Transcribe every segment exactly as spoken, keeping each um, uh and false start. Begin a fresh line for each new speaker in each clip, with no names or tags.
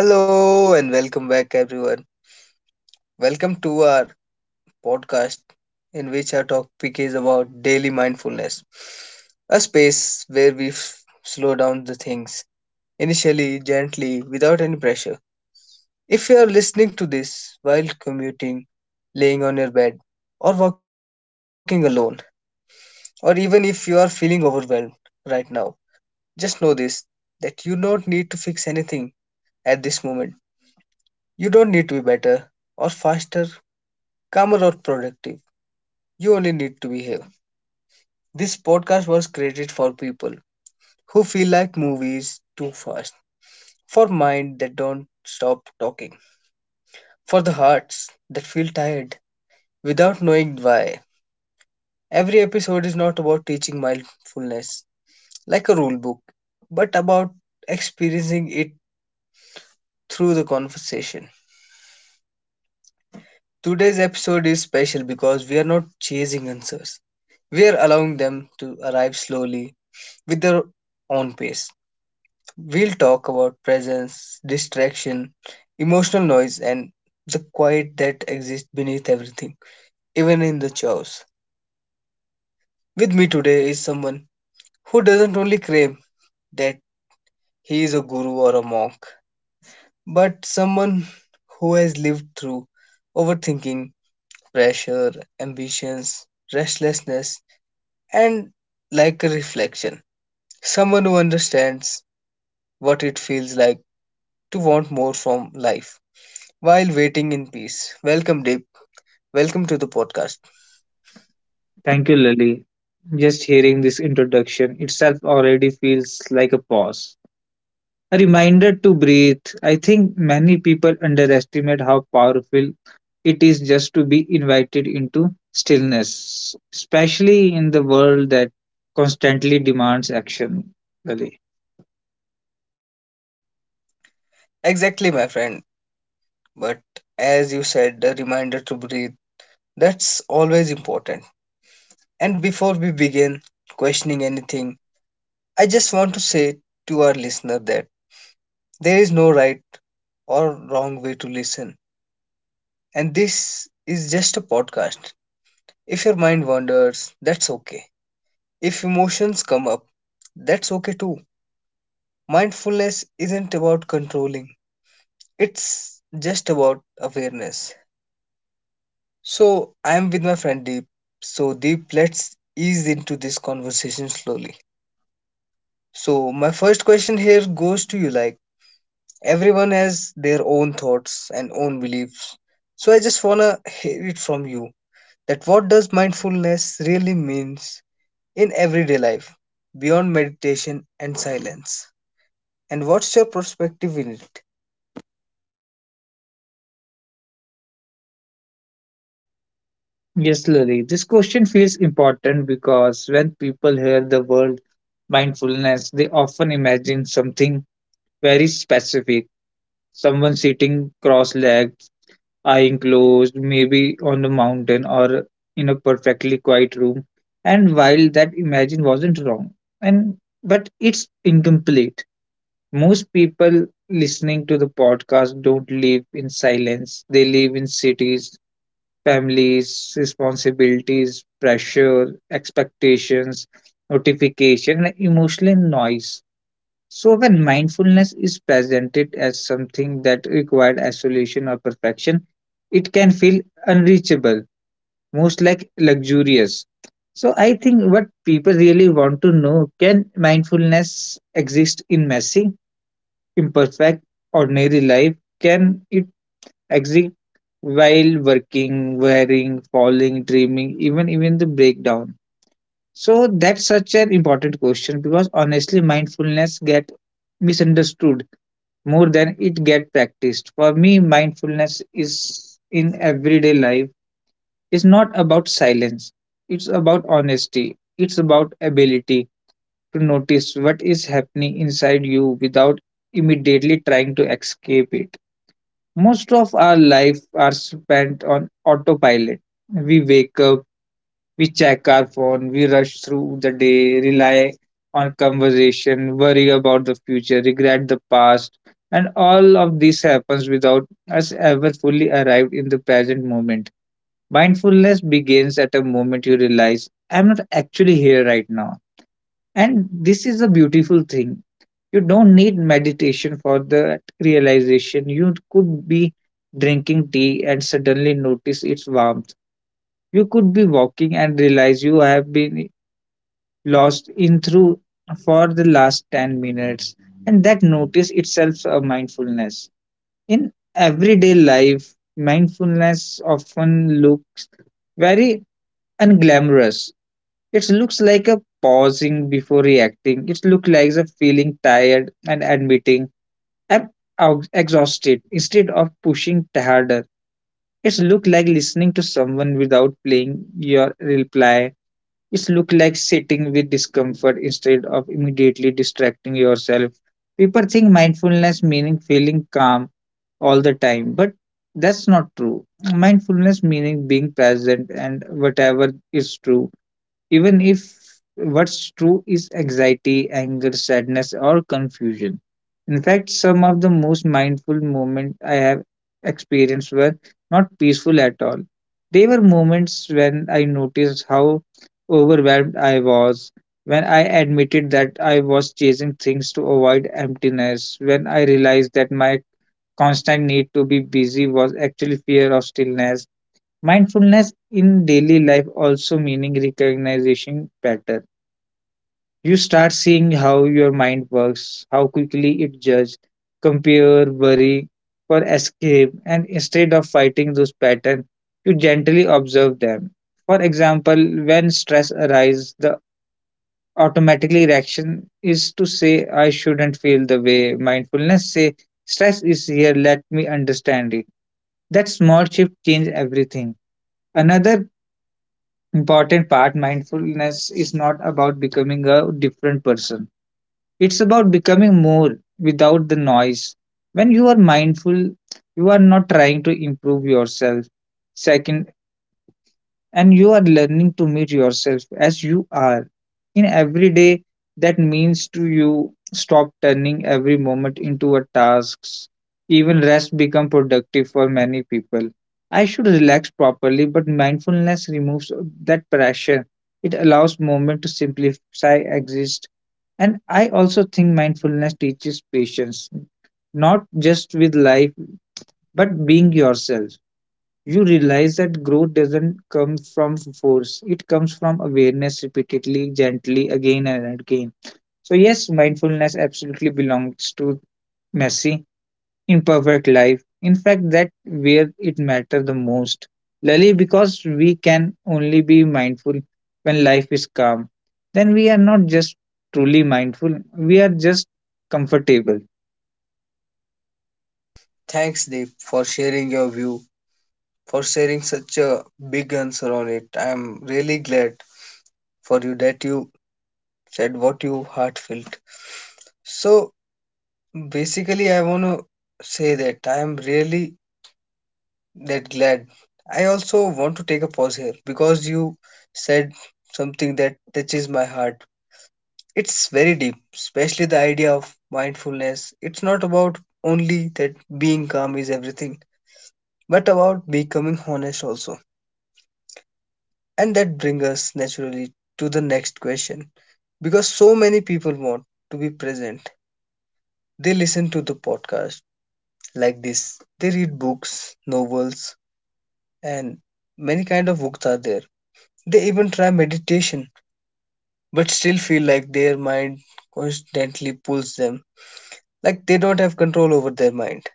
Hello and welcome back, everyone. Welcome to our podcast, in which our topic is about daily mindfulness, a space where we f- slow down the things, initially, gently, without any pressure. If you are listening to this while commuting, laying on your bed, or walking alone, or even if you are feeling overwhelmed right now, just know this that you don't need to fix anything at this moment. You don't need to be better or faster calmer or productive. You only need to be here. This podcast was created for people who feel like movies too fast, for mind that don't stop talking, for the hearts that feel tired without knowing why. Every episode is not about teaching mindfulness like a rule book, but about experiencing it through the conversation. Today's episode is special because we are not chasing answers. We are allowing them to arrive slowly with their own pace. We'll talk about presence, distraction, emotional noise, and the quiet that exists beneath everything, even in the chaos. With me today is someone who doesn't only claim that he is a guru or a monk, but someone who has lived through overthinking, pressure, ambitions, restlessness, and like a reflection. Someone who understands what it feels like to want more from life while waiting in peace. Welcome, Deep. Welcome to the podcast.
Thank you, Lily. Just hearing this introduction itself already feels like a pause. A reminder to breathe. I think many people underestimate how powerful it is just to be invited into stillness, especially in the world that constantly demands action. Lily.
Exactly, my friend. But as you said, the reminder to breathe, that's always important. And before we begin questioning anything, I just want to say to our listener that there is no right or wrong way to listen. And this is just a podcast. If your mind wanders, that's okay. If emotions come up, that's okay too. Mindfulness isn't about controlling, it's just about awareness. So I'm with my friend Deep. So Deep, let's ease into this conversation slowly. So my first question here goes to you like everyone has their own thoughts and own beliefs. So I just wanna hear it from you that what does mindfulness really means in everyday life beyond meditation and silence? And what's your perspective in it?
Yes, Lily. This question feels important because when people hear the word mindfulness, they often imagine something very specific, someone sitting cross legged, eye closed, maybe on a mountain or in a perfectly quiet room. And while that imagine wasn't wrong, and but it's incomplete. Most people listening to the podcast don't live in silence. They live in cities, families, responsibilities, pressure, expectations, notification, and emotional noise. So, when mindfulness is presented as something that required isolation or perfection, it can feel unreachable, most like luxurious. So, I think what people really want to know, can mindfulness exist in messy, imperfect, ordinary life? Can it exist while working, wearing, falling, dreaming, even even the breakdown? So that's such an important question because honestly, mindfulness get misunderstood more than it get practiced. For me, mindfulness is in everyday life. It's not about silence. It's about honesty. It's about ability to notice what is happening inside you without immediately trying to escape it. Most of our life are spent on autopilot. We wake up, we check our phone, we rush through the day, rely on conversation, worry about the future, regret the past, and all of this happens without us ever fully arrived in the present moment. Mindfulness begins at a moment you realize I'm not actually here right now. And this is a beautiful thing. You don't need meditation for that realization. You could be drinking tea and suddenly notice its warmth. You could be walking and realize you have been lost in through for the last ten minutes, and that notice itself a mindfulness in everyday life. Mindfulness often looks very unglamorous. It looks like a pausing before reacting. It looks like a feeling tired and admitting i'm ex- exhausted instead of pushing harder. It looks like listening to someone without playing your reply. It looks like sitting with discomfort instead of immediately distracting yourself. People think mindfulness meaning feeling calm all the time, but that's not true. Mindfulness meaning being present and whatever is true, even if what's true is anxiety, anger, sadness, or confusion. In fact, some of the most mindful moments I have experienced were not peaceful at all. They were moments when I noticed how overwhelmed I was, when I admitted that I was chasing things to avoid emptiness, when I realized that my constant need to be busy was actually fear of stillness. Mindfulness in daily life also meaning recognition pattern. You start seeing how your mind works, how quickly it judges, compare, worry for escape, and instead of fighting those patterns, you gently observe them. For example, when stress arises, the automatically reaction is to say, I shouldn't feel the way. Mindfulness say, stress is here, let me understand it. That small shift change everything. Another important part, mindfulness is not about becoming a different person. It's about becoming more without the noise. When you are mindful, you are not trying to improve yourself second, and you are learning to meet yourself as you are. In every day, that means to you stop turning every moment into a task. Even rest become productive for many people. I should relax properly, but mindfulness removes that pressure. It allows moment to simplify exist. And I also think mindfulness teaches patience, not just with life, but being yourself. You realize that growth doesn't come from force, it comes from awareness, repeatedly, gently, again and again. So yes, mindfulness absolutely belongs to messy, imperfect life. In fact, that where it matters the most, Lily, because we can only be mindful when life is calm. Then we are not just truly mindful, we are just comfortable.
Thanks Deep for sharing your view for sharing such a big answer on it. I'm really glad for you that you said what you heart felt. So basically, I want to say that I am really that glad. I also want to take a pause here because you said something that touches my heart. It's very deep, especially the idea of mindfulness. It's not about only that being calm is everything, but about becoming honest also. And that brings us naturally to the next question because so many people want to be present. They listen to the podcast like this. They read books, novels, and many kind of books are there. They even try meditation, but still feel like their mind constantly pulls them, like they don't have control over their mind.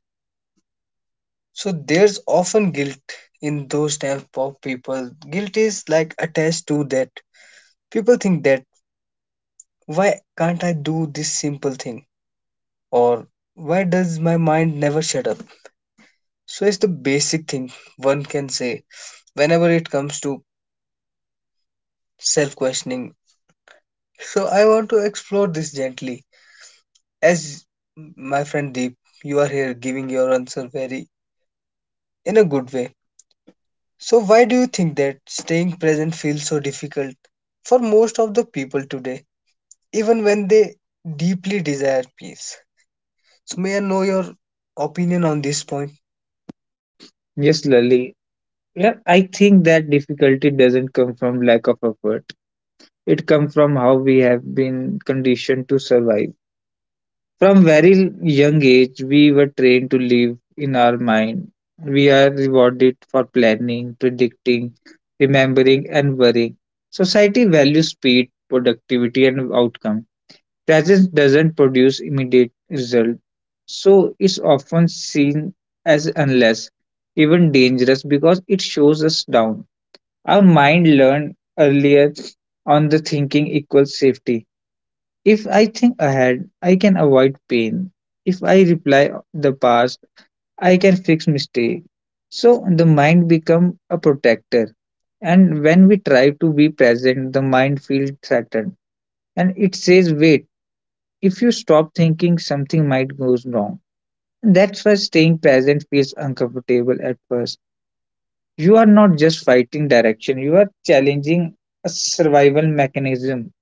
So there's often guilt in those type of people. Guilt is like attached to that. People think that why can't I do this simple thing or why does my mind never shut up? So it's the basic thing one can say whenever it comes to self questioning. So I want to explore this gently. As my friend Deep, you are here giving your answer very in a good way. So why do you think that staying present feels so difficult for most of the people today, even when they deeply desire peace? So may I know your opinion on this point?
Yes, Lily. Yeah, I think that difficulty doesn't come from lack of effort. It comes from how we have been conditioned to survive. From very young age, we were trained to live in our mind. We are rewarded for planning, predicting, remembering, and worrying. Society values speed, productivity, and outcome. Presence doesn't produce immediate result, so it's often seen as unless, even dangerous because it shows us down. Our mind learned earlier on the thinking equals safety. If I think ahead, I can avoid pain. If I reply the past, I can fix mistake. So the mind become a protector. And when we try to be present, the mind feels threatened. And it says, wait, if you stop thinking, something might go wrong. That's why staying present feels uncomfortable at first. You are not just fighting direction, you are challenging a survival mechanism.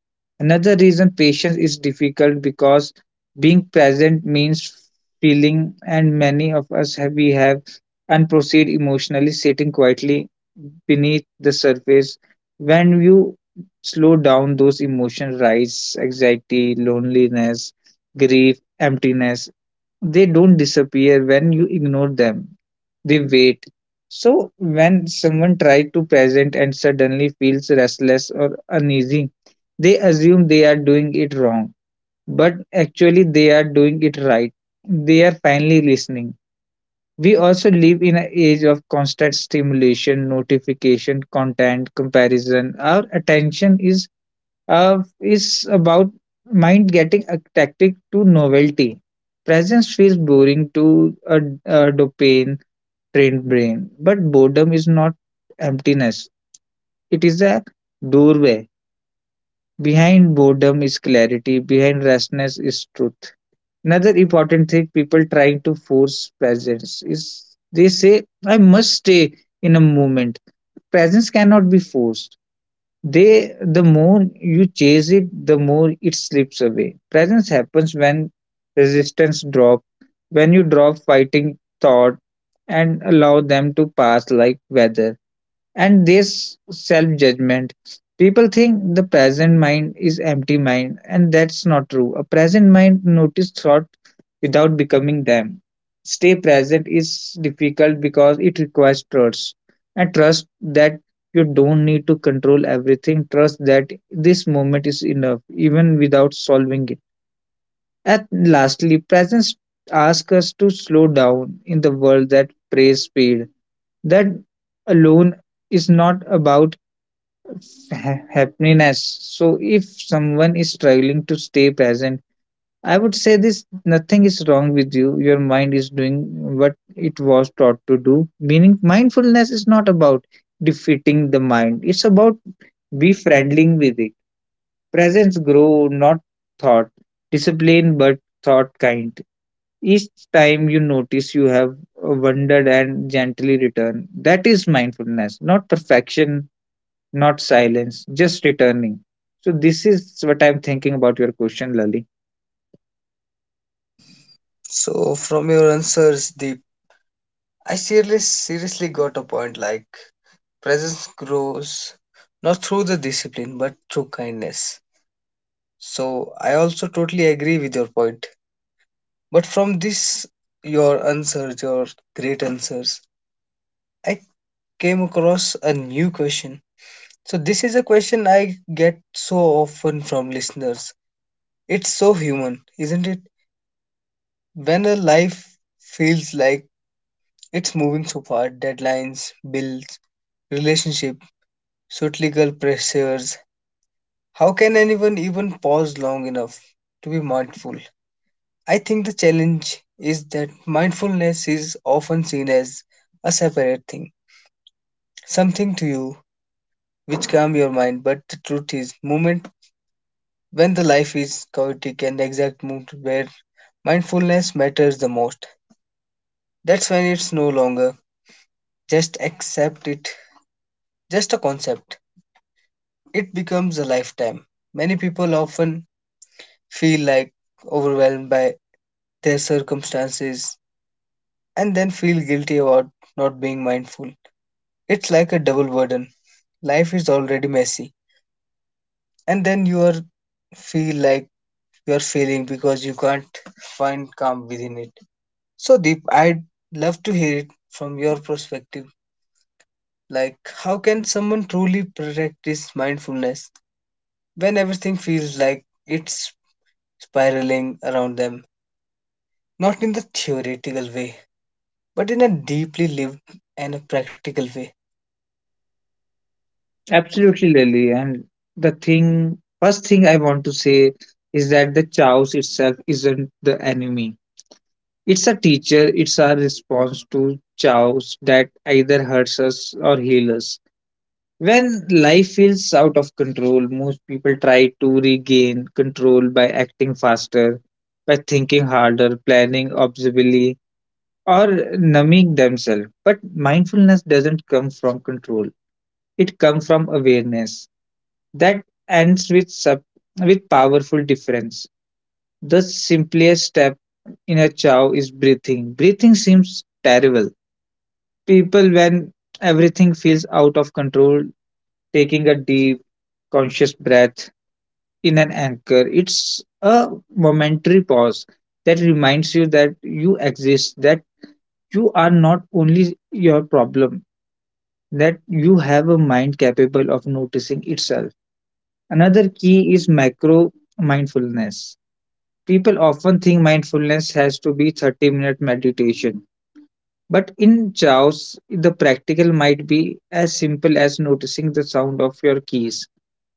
Another reason patience is difficult because being present means feeling, and many of us have, we have unprocessed emotionally sitting quietly beneath the surface. When you slow down, those emotions rise, anxiety, loneliness, grief, emptiness. They don't disappear when you ignore them, the weight. So when someone tries to present and suddenly feels restless or uneasy, they assume they are doing it wrong, but actually they are doing it right. They are finally listening. We also live in an age of constant stimulation, notification, content, comparison. Our attention is uh, is about mind getting attracted to novelty. Presence feels boring to a, a dopamine trained brain. But boredom is not emptiness, it is a doorway. Behind boredom is clarity, behind restness is truth. Another important thing, people trying to force presence is they say, I must stay in a moment. Presence cannot be forced. They the more you chase it, the more it slips away. Presence happens when resistance drop, when you drop fighting thought and allow them to pass like weather. And this self-judgment, people think the present mind is empty mind, and that's not true. A present mind notice thought without becoming them. Stay present is difficult because it requires trust, and trust that you don't need to control everything, trust that this moment is enough even without solving it. And lastly, presence asks us to slow down in the world that prays speed. That alone is not about ha- happiness. So if someone is struggling to stay present, I would say this, nothing is wrong with you. Your mind is doing what it was taught to do. Meaning mindfulness is not about defeating the mind. It's about befriending with it. Presence grow, not thought. Discipline but thought kind. Each time you notice you have wandered and gently return. That is mindfulness, not perfection, not silence, just returning. So this is what I'm thinking about your question, Lali.
So from your answers, Deep, I seriously seriously got a point like presence grows not through the discipline but through kindness. So I also totally agree with your point. But from this, your answers, your great answers, I came across a new question. So this is a question I get so often from listeners. It's so human, isn't it? When a life feels like it's moving so fast, deadlines, bills, relationship, societal pressures, how can anyone even pause long enough to be mindful? I think the challenge is that mindfulness is often seen as a separate thing, something to you which calm your mind, but the truth is moment when the life is chaotic and the exact moment where mindfulness matters the most. That's when it's no longer just accept it, just a concept. It becomes a lifetime. Many people often feel like overwhelmed by their circumstances and then feel guilty about not being mindful. It's like a double burden. Life is already messy, and then you are feel like you are failing because you can't find calm within it. So, Deep, I'd love to hear it from your perspective. Like, how can someone truly practice mindfulness when everything feels like it's spiraling around them? Not in the theoretical way, but in a deeply lived and a practical way.
Absolutely, Lali. And the thing, first thing I want to say is that the chaos itself isn't the enemy. It's a teacher. It's our response to chaos that either hurts us or heals us. When life feels out of control, most people try to regain control by acting faster, by thinking harder, planning obsessively, or numbing themselves. But mindfulness doesn't come from control. It comes from awareness. That ends with sub- with powerful difference. The simplest step in a chow is breathing. Breathing seems terrible. People when everything feels out of control, taking a deep conscious breath in an anchor, it's a momentary pause that reminds you that you exist, that you are not only your problem, that you have a mind capable of noticing itself. Another key is macro mindfulness. People often think mindfulness has to be thirty minute meditation. But in Chaos, the practical might be as simple as noticing the sound of your keys,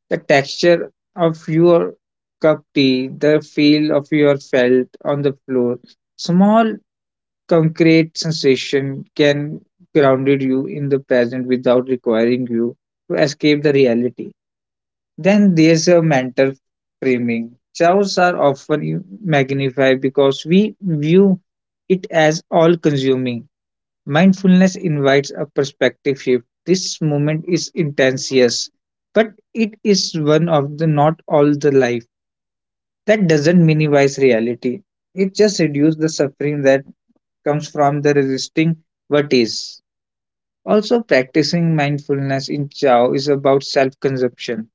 the texture of your cup tea, the feel of your felt on the floor. Small concrete sensation can grounded you in the present without requiring you to escape the reality. Then there's a mental framing. Chaos are often magnified because we view it as all consuming. Mindfulness invites a perspective shift. This moment is intense, yes, but it is one of the not all the life. That doesn't minimize reality. It just reduces the suffering that comes from the resisting what is. Also, practicing mindfulness in Chao is about self consumption,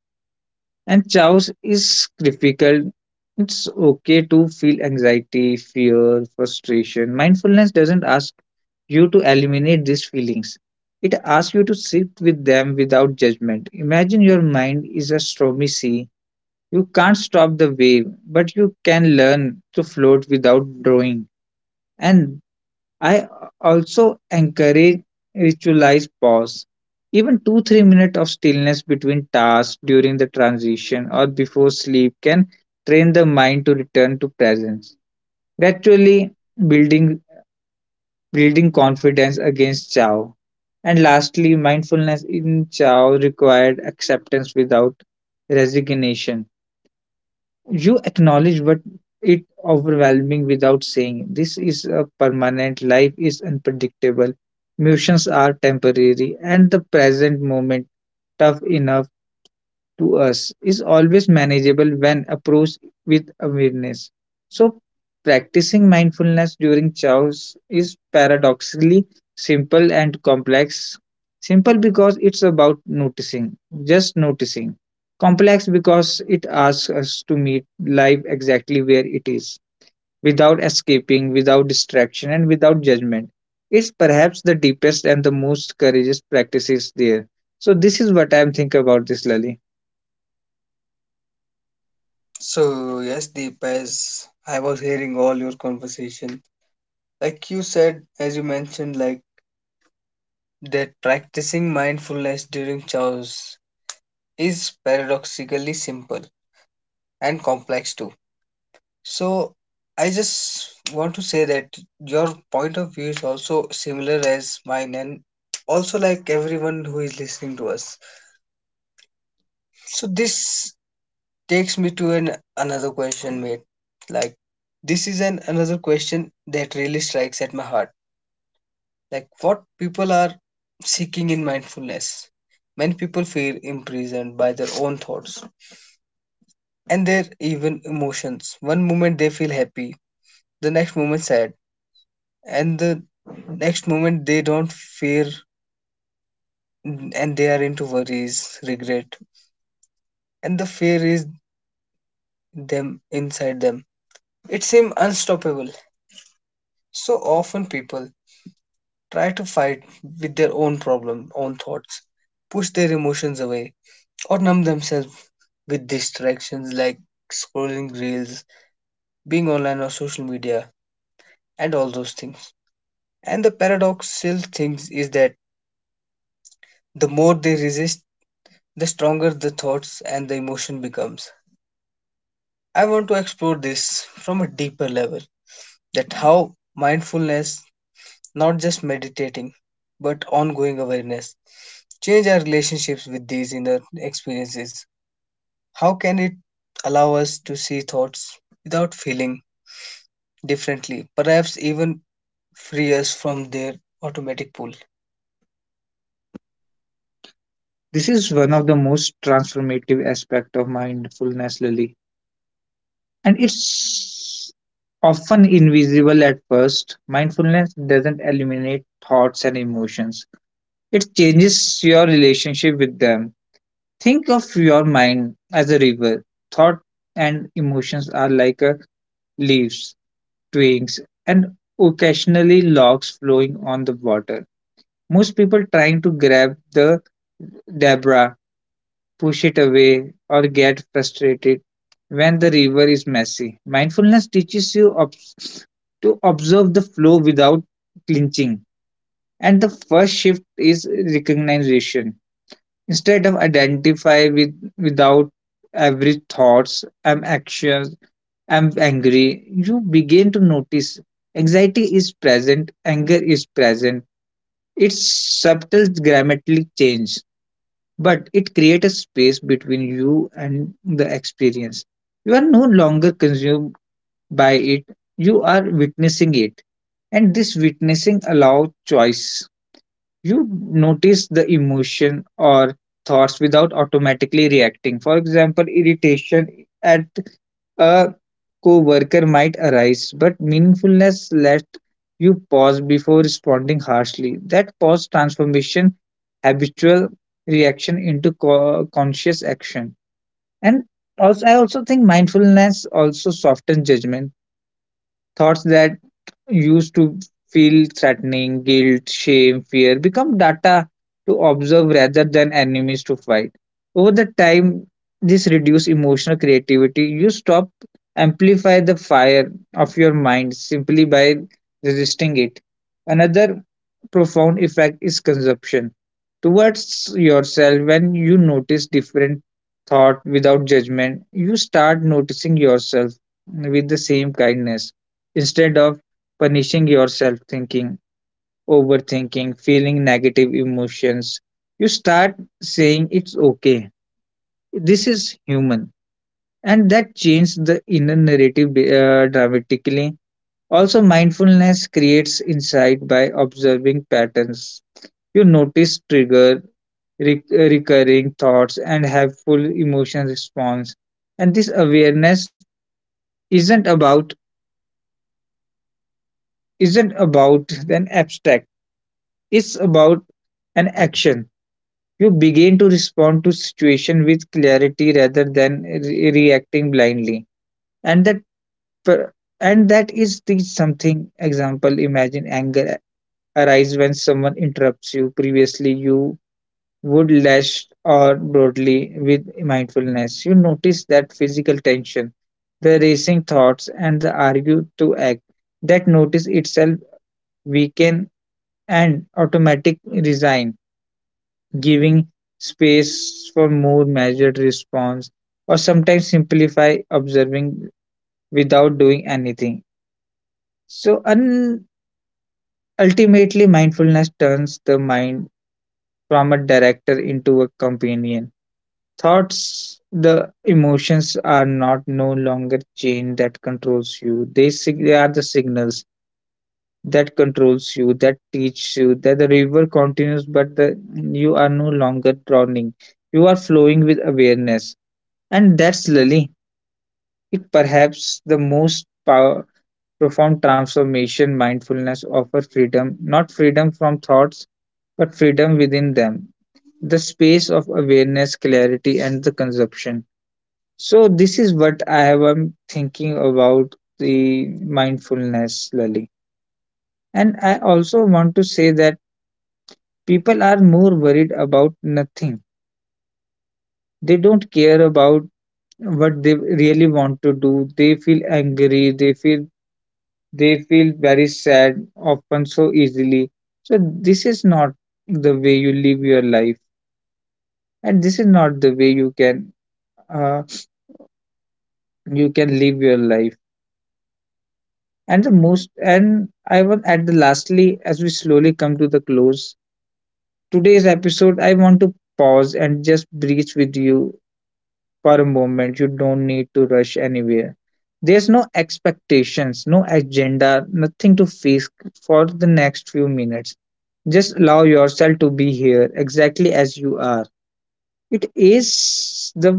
and Chao's is difficult. It's okay to feel anxiety, fear, frustration. Mindfulness doesn't ask you to eliminate these feelings. It asks you to sit with them without judgment. Imagine your mind is a stormy sea. You can't stop the wave, but you can learn to float without drawing. And I also encourage ritualized pause. Even two, three minutes of stillness between tasks during the transition or before sleep can train the mind to return to presence, gradually building, building confidence against chow. And lastly, mindfulness in chow required acceptance without resignation. You acknowledge what it overwhelming without saying this is a permanent life is unpredictable. Emotions are temporary and the present moment tough enough to us is always manageable when approached with awareness. So, practicing mindfulness during chaos is paradoxically simple and complex. Simple because it's about noticing, just noticing. Complex because it asks us to meet life exactly where it is, without escaping, without distraction, and without judgment. It's perhaps the deepest and the most courageous practices there. So, this is what I'm thinking about this, Lali.
So yes, Deep, as I was hearing all your conversation, like you said, as you mentioned, like that practicing mindfulness during chores is paradoxically simple and complex too. So I just want to say that your point of view is also similar as mine and also like everyone who is listening to us. So this takes me to an another question, mate. Like this is an another question that really strikes at my heart like what people are seeking in mindfulness. Many people feel imprisoned by their own thoughts and their even emotions. One moment they feel happy, the next moment sad, and the next moment they don't fear and they are into worries, regret, and the fear is them inside them. It seems unstoppable. So often people try to fight with their own problem, own thoughts, push their emotions away, or numb themselves with distractions like scrolling reels, being online or social media, and all those things. And the paradoxical thing is that the more they resist, the stronger the thoughts and the emotion becomes. I want to explore this from a deeper level that how mindfulness, not just meditating, but ongoing awareness, change our relationships with these inner experiences. How can it allow us to see thoughts without feeling differently, perhaps even free us from their automatic pull.
This is one of the most transformative aspects of mindfulness, Lily, and it's often invisible at first. Mindfulness doesn't eliminate thoughts and emotions, it changes your relationship with them. Think of your mind as a river. Thought and emotions are like a leaves, twigs, and occasionally logs flowing on the water. Most people trying to grab the debris push it away, or get frustrated when the river is messy. Mindfulness teaches you obs- to observe the flow without clinching. And the first shift is recognition. Instead of identify with without every thoughts, I'm anxious, I'm angry, you begin to notice anxiety is present, anger is present. It's subtle grammatically change but it creates a space between you and the experience. You are no longer consumed by it, you are witnessing it. And this witnessing allows choice. You notice the emotion or thoughts without automatically reacting. For example, irritation at a co-worker might arise, but meaningfulness lets you pause before responding harshly. That pause transformation habitual reaction into co- conscious action. And also, I also think mindfulness also softens judgment. Thoughts that used to feel threatening, guilt, shame, fear become data to observe rather than enemies to fight. Over the time, this reduces emotional creativity. You stop amplify the fire of your mind simply by resisting it. Another profound effect is consumption towards yourself when you notice different thought without judgment you start noticing yourself with the same kindness instead of punishing yourself thinking overthinking feeling negative emotions you start saying it's okay this is human and that changes the inner narrative uh, dramatically also mindfulness creates insight by observing patterns you notice trigger, rec- recurring thoughts, and helpful emotion response. And this awareness isn't about isn't about an abstract. It's about an action. You begin to respond to situation with clarity rather than re- reacting blindly. And that per- and that is the something example. Imagine anger arise when someone interrupts you previously you would lash or broadly with mindfulness. You notice that physical tension, the racing thoughts, and the argue to act. That notice itself weaken and automatic resign, giving space for more measured response, or sometimes simplify observing without doing anything. So un- ultimately mindfulness turns the mind from a director into a companion. Thoughts, the emotions are not no longer chain that controls you. They, sig- they are the signals that controls you, that teach you that the river continues, but the, you are no longer drowning. You are flowing with awareness, and that's Lily. It perhaps the most power, profound transformation mindfulness offer freedom, not freedom from thoughts, but freedom within them. The space of awareness, clarity, and the consumption. So this is what I have am thinking about the mindfulness, Lali. And I also want to say that people are more worried about nothing. They don't care about what they really want to do. They feel angry. They feel they feel very sad often so easily. So this is not the way you live your life, and this is not the way you can uh, you can live your life. And the most, and I want at the lastly, as we slowly come to the close, today's episode, I want to pause and just breathe with you for a moment. You don't need to rush anywhere. There's no expectations, no agenda, nothing to face for the next few minutes. Just allow yourself to be here exactly as you are, it is the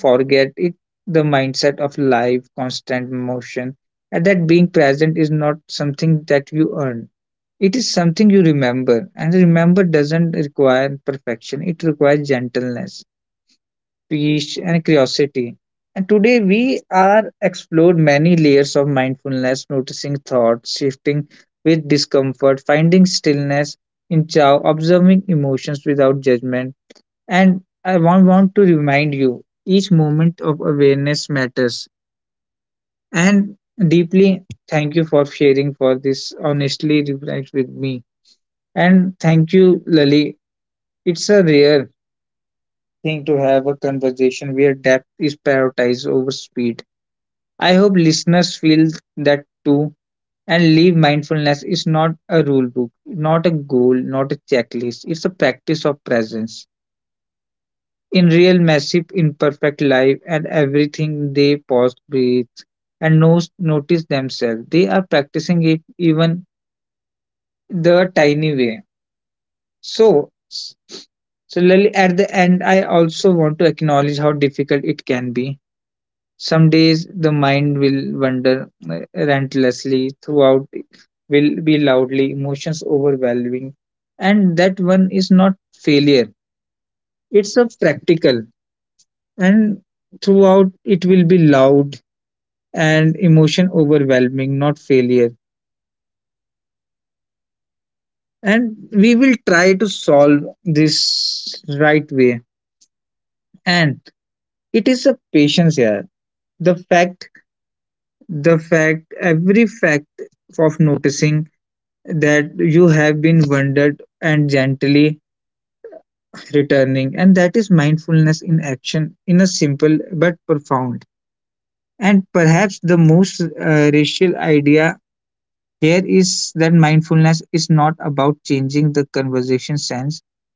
forget it the mindset of life, constant motion, and that being present is not something that you earn. It is something you remember, and remember doesn't require perfection. It requires gentleness, peace, and curiosity. And today we are explored many layers of mindfulness, noticing thoughts, shifting with discomfort, finding stillness in chow, observing emotions without judgment, and I want, want to remind you each moment of awareness matters. And deeply thank you for sharing for this honestly reflect with me. And thank you, Lali. It's a rare thing to have a conversation where depth is prioritized over speed. I hope listeners feel that too and leave mindfulness is not a rule book, not a goal, not a checklist. It's a practice of presence. In real massive imperfect life and everything they pause, breathe, and knows, notice themselves. They are practicing it even the tiny way. So s- similarly at the end I also want to acknowledge how difficult it can be. Some days the mind will wander uh, relentlessly throughout will be loudly, emotions overwhelming. And that one is not failure. It's a practical and throughout it will be loud and emotion overwhelming, not failure. And we will try to solve this right way. And it is a patience here. The fact, the fact, every fact of noticing that you have been wondered and gently returning. And that is mindfulness in action in a simple but profound and perhaps the most uh, racial idea. Here is that mindfulness is not about changing the conversation sense.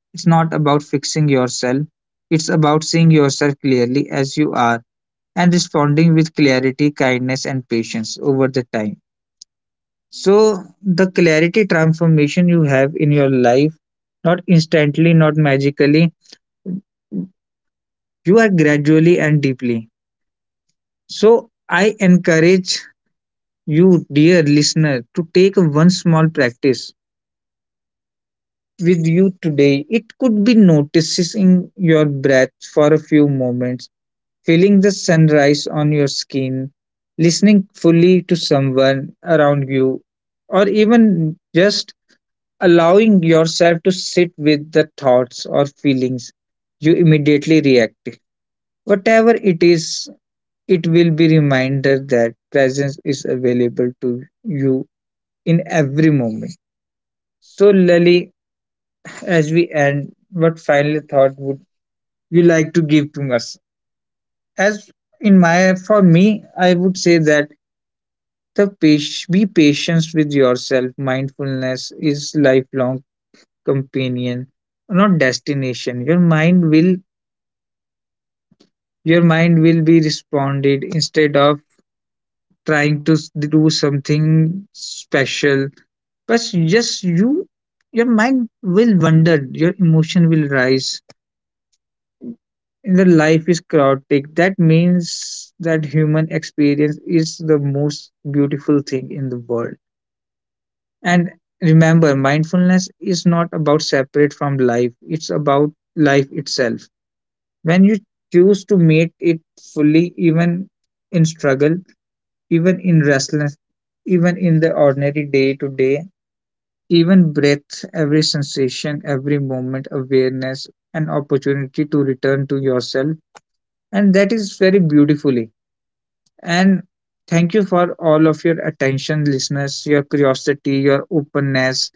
It's not about fixing yourself. It's about seeing yourself clearly as you are and responding with clarity, kindness, and patience over the time. So, the clarity transformation you have in your life, not instantly, not magically, you are gradually and deeply. So, I encourage you, dear listener, to take one small practice with you today. It could be noticing your breath for a few moments, feeling the sunrise on your skin, listening fully to someone around you, or even just allowing yourself to sit with the thoughts or feelings you immediately react. Whatever it is, it will be reminder that presence is available to you in every moment. So, Lali, as we end, what final thought would you like to give to us? As in my, for me, I would say that the page, be patient with yourself, mindfulness is lifelong companion, not destination. Your mind will your mind will be responded instead of trying to s- do something special, but just you, your mind will wander, your emotion will rise, the life is chaotic, that means that human experience is the most beautiful thing in the world. And remember, mindfulness is not about separate from life, it's about life itself. When you choose to meet it fully, even in struggle, even in restlessness, even in the ordinary day to day, even breath, every sensation, every moment awareness, an opportunity to return to yourself, and that is very beautifully. And thank you for all of your attention, listeners, your curiosity, your openness.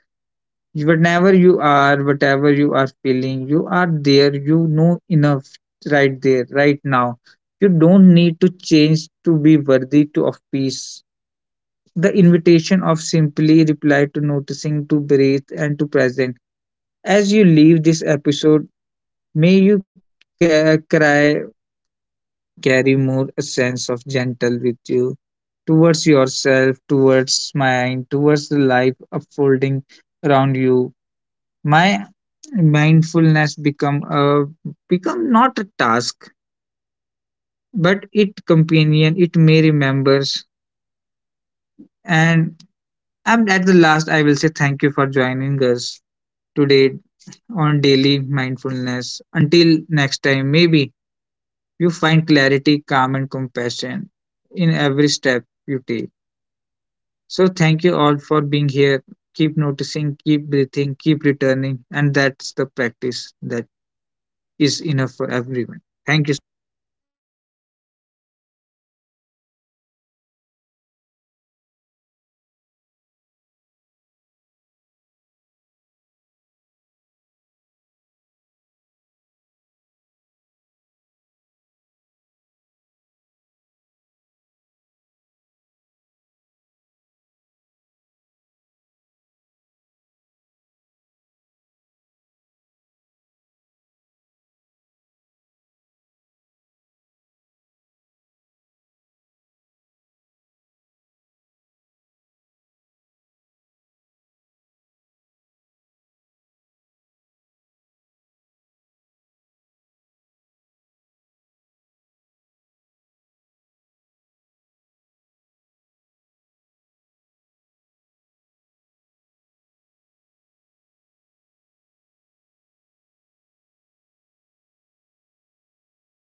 Whatever you are, whatever you are feeling, you are there, you know enough, right there, right now. You don't need to change to be worthy to of peace. The invitation of simply reply to noticing, to breathe, and to present. As you leave this episode, may you ca- cry carry more a sense of gentle with you towards yourself, towards mind, towards the life unfolding around you. My mindfulness become a become not a task, but it companion. It may remembers. And I'm at the last. I will say thank you for joining us today on daily mindfulness. Until next time, maybe you find clarity, calm, and compassion in every step you take. So thank you all for being here. Keep noticing, keep breathing, keep returning, and that's the practice that is enough for everyone. Thank you. So